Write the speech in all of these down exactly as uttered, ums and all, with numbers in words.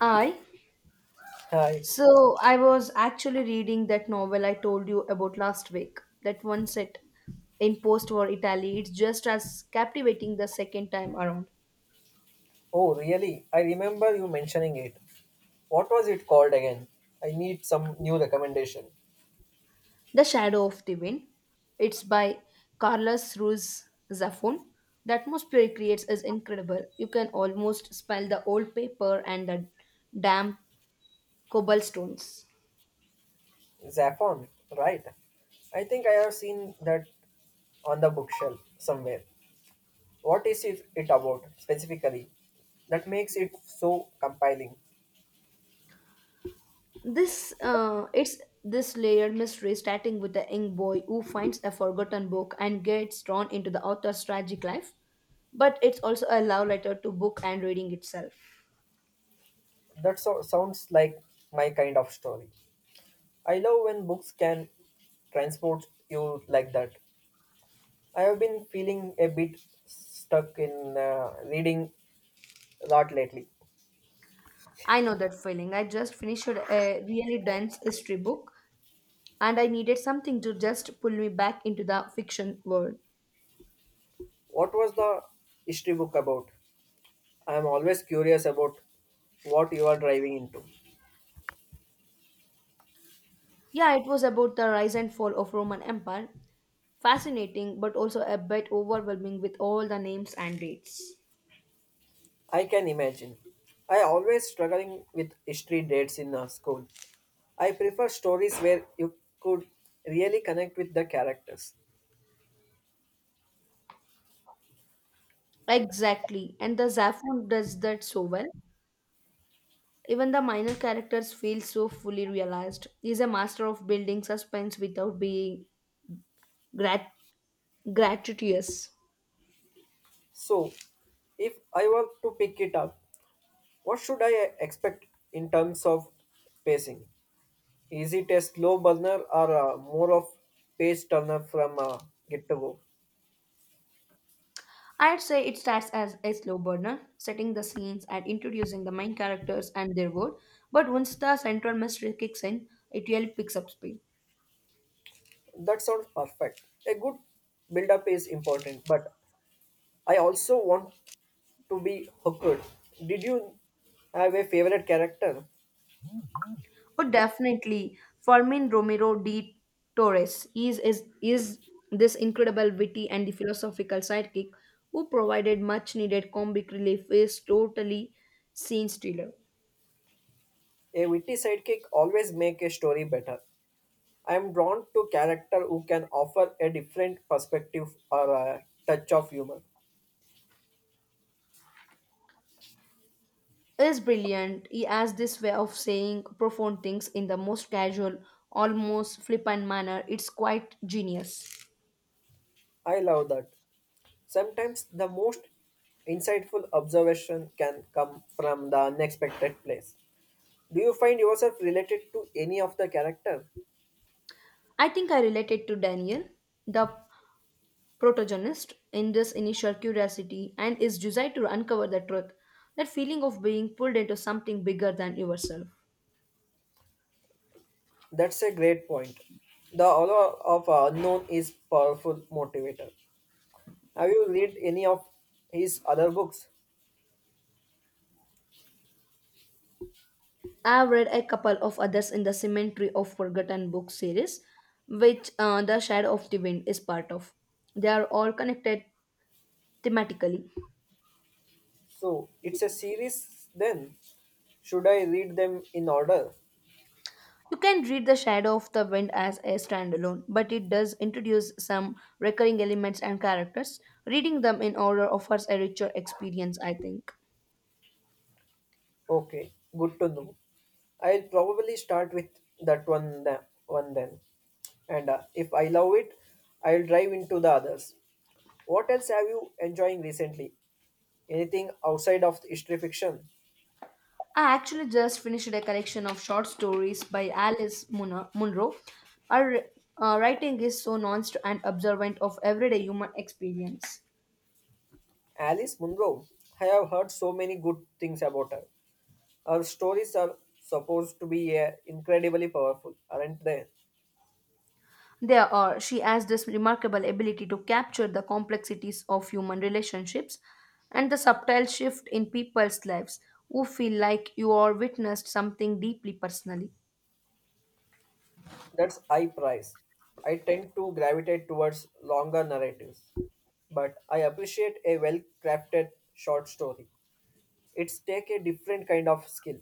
I Hi. so I was actually reading that novel I told you about last week. That one set in post-war Italy. It's just as captivating the second time around. Oh, really? I remember you mentioning it. What was it called again? I need some new recommendation. The Shadow of the Wind. It's by Carlos Ruiz Zafón. The atmosphere it creates is incredible. You can almost smell the old paper and the damp cobblestones. Zaffron, right? I think I have seen that on the bookshelf somewhere. What is it, it about specifically? That makes it so compelling. This uh, it's this layered mystery starting with a young boy who finds a forgotten book and gets drawn into the author's tragic life, but it's also a love letter to book and reading itself. That so, sounds like my kind of story. I love when books can transport you like that. I have been feeling a bit stuck in uh, reading a lot lately. I know that feeling. I just finished a really dense history book and I needed something to just pull me back into the fiction world. What was the history book about? I am always curious about what you are driving into. Yeah, it was about the rise and fall of Roman Empire. Fascinating but also a bit overwhelming with all the names and dates. I can imagine. I always struggling with history dates in uh, school. I prefer stories where you could really connect with the characters. Exactly, and the Zaphon does that so well. Even the minor characters feel so fully realized. He's a master of building suspense without being grat- gratuitous. So, if I were to pick it up, what should I expect in terms of pacing? Is it a slow burner or uh, more of page turner from uh, get to go? I'd say it starts as a slow burner, setting the scenes and introducing the main characters and their world. But once the central mystery kicks in, it really picks up speed. That sounds perfect. A good build up is important, but I also want to be hooked. Did you have a favorite character? Oh, definitely. Fermin Romero de Torres is, is, is this incredible witty and the philosophical sidekick who provided much needed comic relief is totally scene stealer. A witty sidekick always make a story better. I am drawn to character who can offer a different perspective or a touch of humor. Is brilliant. He has this way of saying profound things in the most casual, almost flippant manner. It's quite genius. I love that. Sometimes the most insightful observation can come from the unexpected place. Do you find yourself related to any of the character? I think I related to Daniel. The protagonist in this initial curiosity and is desired to uncover the truth, that feeling of being pulled into something bigger than yourself. That's a great point. The aura of unknown is powerful motivator. Have you read any of his other books? I've read a couple of others in the Cemetery of Forgotten Books series, which uh, The Shadow of the Wind is part of. They are all connected thematically. So it's a series then. Should I read them in order? You can read The Shadow of the Wind as a standalone, but it does introduce some recurring elements and characters. Reading them in order offers a richer experience, I think. Okay, good to know. I'll probably start with that one the one then. And uh, if I love it, I'll dive into the others. What else have you enjoying recently? Anything outside of history fiction? I actually just finished a collection of short stories by Alice Munro. Munro. Her uh, writing is so nuanced and observant of everyday human experience. Alice Munro, I have heard so many good things about her. Her stories are supposed to be uh, incredibly powerful, aren't they? There are, she has this remarkable ability to capture the complexities of human relationships and the subtle shift in people's lives who feel like you are witnessed something deeply personally. That's I prize. I tend to gravitate towards longer narratives, but I appreciate a well crafted short story. It's take a different kind of skill.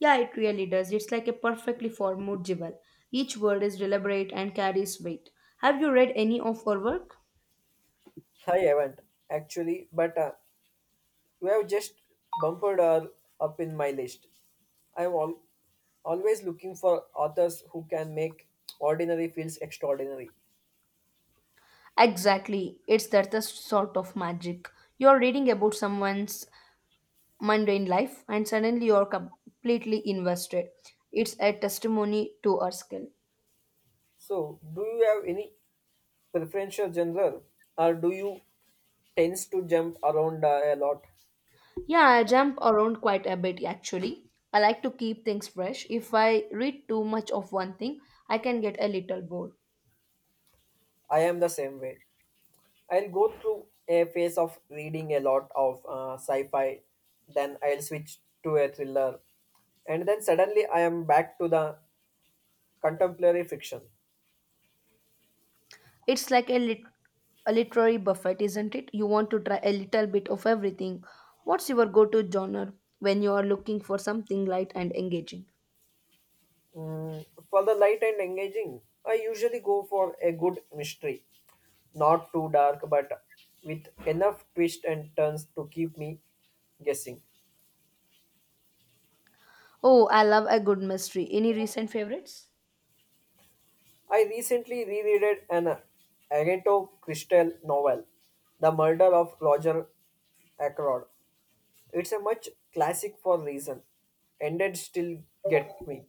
Yeah, it really does. It's like a perfectly formed jewel. Each word is deliberate and carries weight. Have you read any of her work? I haven't actually, but uh, you have just bumped her up in my list. I'm al- always looking for authors who can make ordinary feels extraordinary. Exactly. It's that the sort of magic. You're reading about someone's mundane life and suddenly you're completely invested. It's a testimony to our skill. So, do you have any preferential genre, or do you tends to jump around uh, a lot? Yeah, I jump around quite a bit actually. I like to keep things fresh. If I read too much of one thing, I can get a little bored. I am the same way. I'll go through a phase of reading a lot of uh, sci-fi, then I'll switch to a thriller, and then suddenly I am back to the contemporary fiction. It's like a, lit- a literary buffet, isn't it? You want to try a little bit of everything. What's your go to genre when you are looking for something light and engaging? Mm, for the light and engaging, I usually go for a good mystery. Not too dark, but with enough twists and turns to keep me guessing. Oh, I love a good mystery. Any recent favorites? I recently rereaded an Agatha Christie novel, The Murder of Roger Ackroyd. It's a much classic for reason. Ended still get me.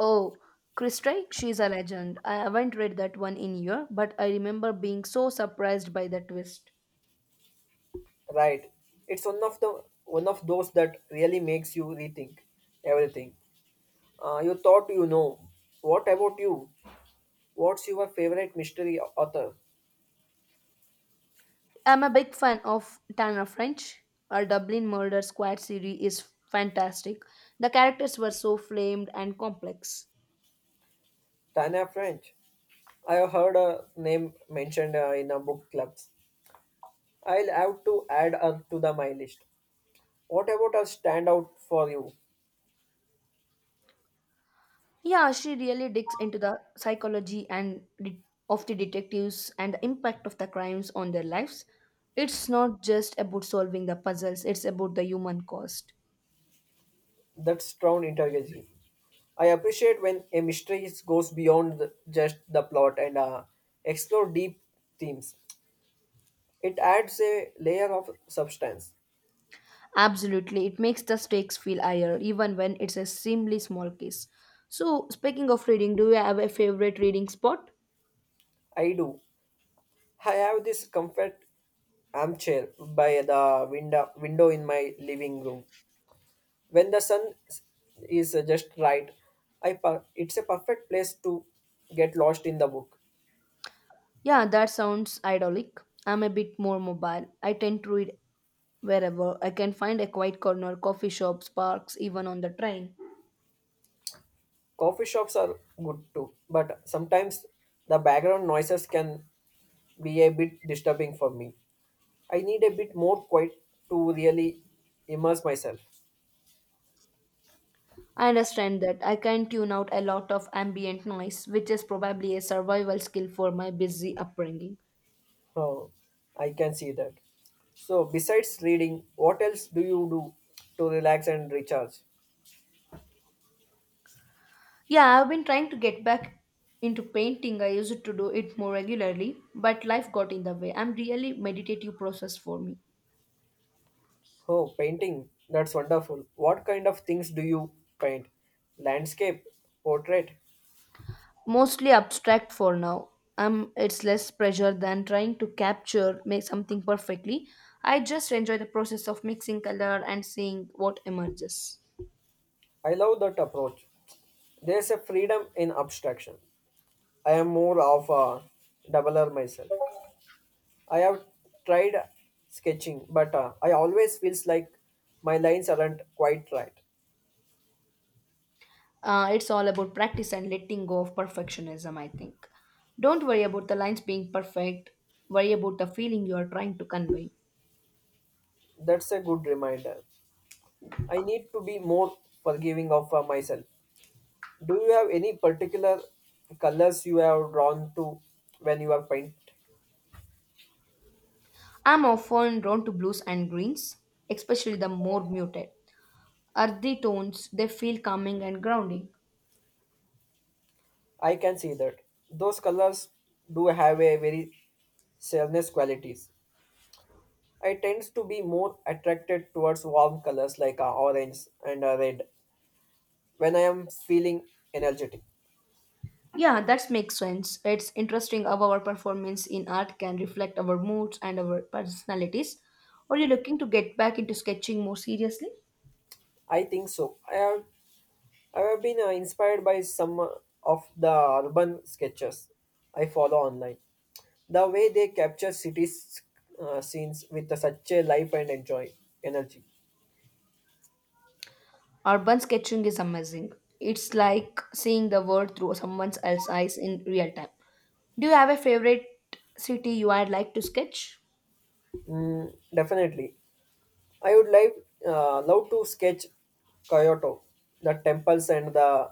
Oh, Christie, she's a legend. I haven't read that one in year, but I remember being so surprised by the twist. Right. It's one of the one of those that really makes you rethink everything. Uh, you thought you know. What about you? What's your favorite mystery author? I'm a big fan of Tana French. Her Dublin Murder Squad series is fantastic. The characters were so flamed and complex. Tana French. I have heard her name mentioned uh, in a book clubs. I'll have to add her to the my list. What about a standout for you? Yeah, she really digs into the psychology and de- of the detectives and the impact of the crimes on their lives. It's not just about solving the puzzles, it's about the human cost. That's strong interrogative. I appreciate when a mystery is- goes beyond the- just the plot and uh, explore deep themes. It adds a layer of substance. Absolutely, it makes the stakes feel higher, even when it's a seemingly small case. So, speaking of reading, do you have a favorite reading spot? I do. I have this comfort armchair by the window, window in my living room. When the sun s- is uh, just right, I per- it's a perfect place to get lost in the book. Yeah, that sounds idyllic. I'm a bit more mobile. I tend to read wherever I can find a quiet corner, coffee shops, parks, even on the train. Coffee shops are good too, but sometimes the background noises can be a bit disturbing for me. I need a bit more quiet to really immerse myself. I understand that I can tune out a lot of ambient noise, which is probably a survival skill for my busy upbringing. Oh, I can see that. So, besides reading, what else do you do to relax and recharge? Yeah, I've been trying to get back into painting. I used to do it more regularly, but life got in the way. I'm really meditative process for me. Oh, painting. That's wonderful. What kind of things do you paint? Landscape, portrait. Mostly abstract for now. Um, it's less pressure than trying to capture make something perfectly. I just enjoy the process of mixing color and seeing what emerges. I love that approach. There's a freedom in abstraction. I am more of a doubler myself. I have tried sketching, but uh, I always feels like my lines aren't quite right. Uh, it's all about practice and letting go of perfectionism, I think. Don't worry about the lines being perfect. Worry about the feeling you are trying to convey. That's a good reminder. I need to be more forgiving of uh, myself. Do you have any particular colors you have drawn to when you are painting? I'm often drawn to blues and greens, especially the more muted, earthy tones. They feel calming and grounding. I can see that. Those colors do have a very stainless qualities. I tend to be more attracted towards warm colors like uh, orange and uh, red when I am feeling energetic. Yeah, that makes sense. It's interesting how our performance in art can reflect our moods and our personalities. Are you looking to get back into sketching more seriously? I think so. I have, I have been uh, inspired by some uh, of the urban sketches I follow online. The way they capture cities uh, scenes with such a life and enjoy energy. Urban sketching is amazing. It's like seeing the world through someone else's eyes in real time. Do you have a favorite city you would like to sketch? Mm, definitely, I would like uh, love to sketch Kyoto, the temples and the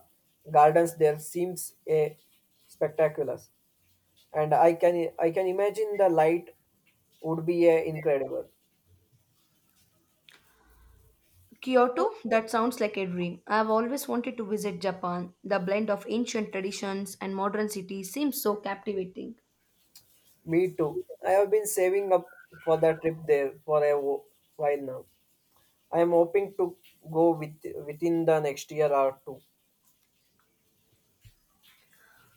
gardens there seems a spectacular, and I can I can imagine the light would be a incredible. Kyoto? That sounds like a dream. I've always wanted to visit Japan. The blend of ancient traditions and modern cities seems so captivating. Me too. I have been saving up for the trip there for a wo- while now. I am hoping to go with within the next year or two.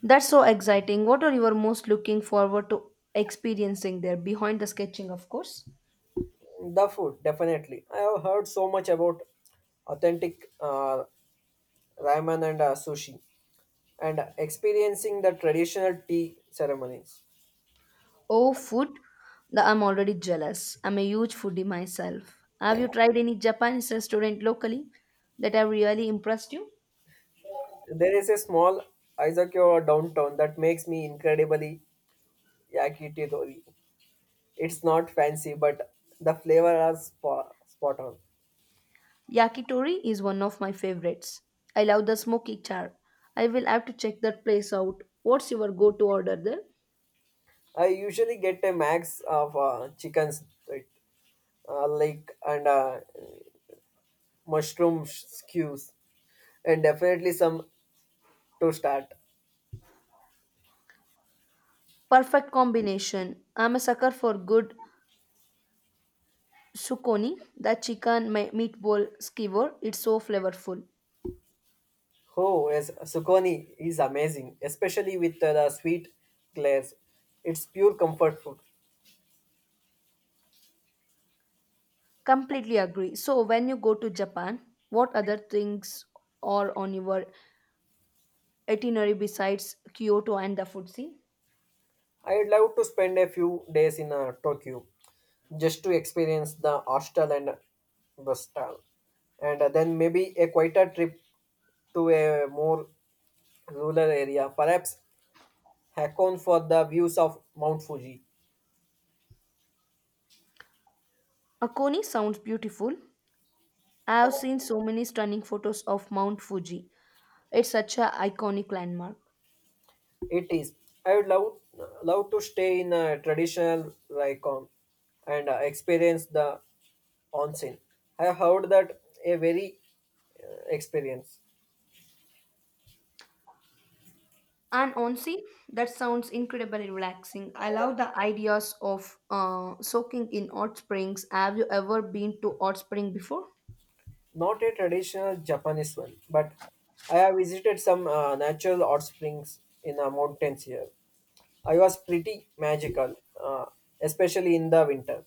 That's so exciting. What are you most looking forward to experiencing there? Behind the sketching, of course. The food, definitely. I have heard so much about authentic uh, ramen and uh, sushi. And experiencing the traditional tea ceremonies. Oh, food. The- I'm already jealous. I'm a huge foodie myself. Have you tried any Japanese restaurant locally that have really impressed you? There is a small Aizakyo downtown that makes me incredibly yakitori. It's not fancy, but the flavor are spot, spot on. Yakitori is one of my favorites. I love the smoky char. I will have to check that place out. What's your go to order there? I usually get a max of uh, chickens, right? uh, like and uh, mushroom skews, and definitely some to start. Perfect combination. I'm a sucker for good sukoni, that chicken me- meatball skewer. It's so flavorful. Oh, yes, Sukoni is amazing, especially with uh, the sweet glaze. It's pure comfort food. Completely agree. So, when you go to Japan, what other things are on your itinerary besides Kyoto and the Futsi? I'd love to spend a few days in uh, Tokyo just to experience the hostel and the style, and uh, then maybe a quieter trip to a more rural area, perhaps Hakone for the views of Mount Fuji. Akoni sounds beautiful. I have seen so many stunning photos of Mount Fuji. It's such a iconic landmark. It is. I would love love to stay in a traditional Raikon and uh, experience the onsen. I heard that a very uh, experience. And honestly, that sounds incredibly relaxing. I love the ideas of uh, soaking in hot springs. Have you ever been to hot spring before? Not a traditional Japanese one, but I have visited some uh, natural hot springs in the mountains here. I was pretty magical, uh, especially in the winter.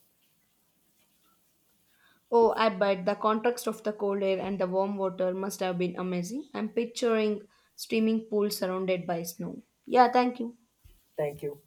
Oh, I bet the contrast of the cold air and the warm water must have been amazing. I'm picturing steaming pools surrounded by snow. Yeah, thank you. Thank you.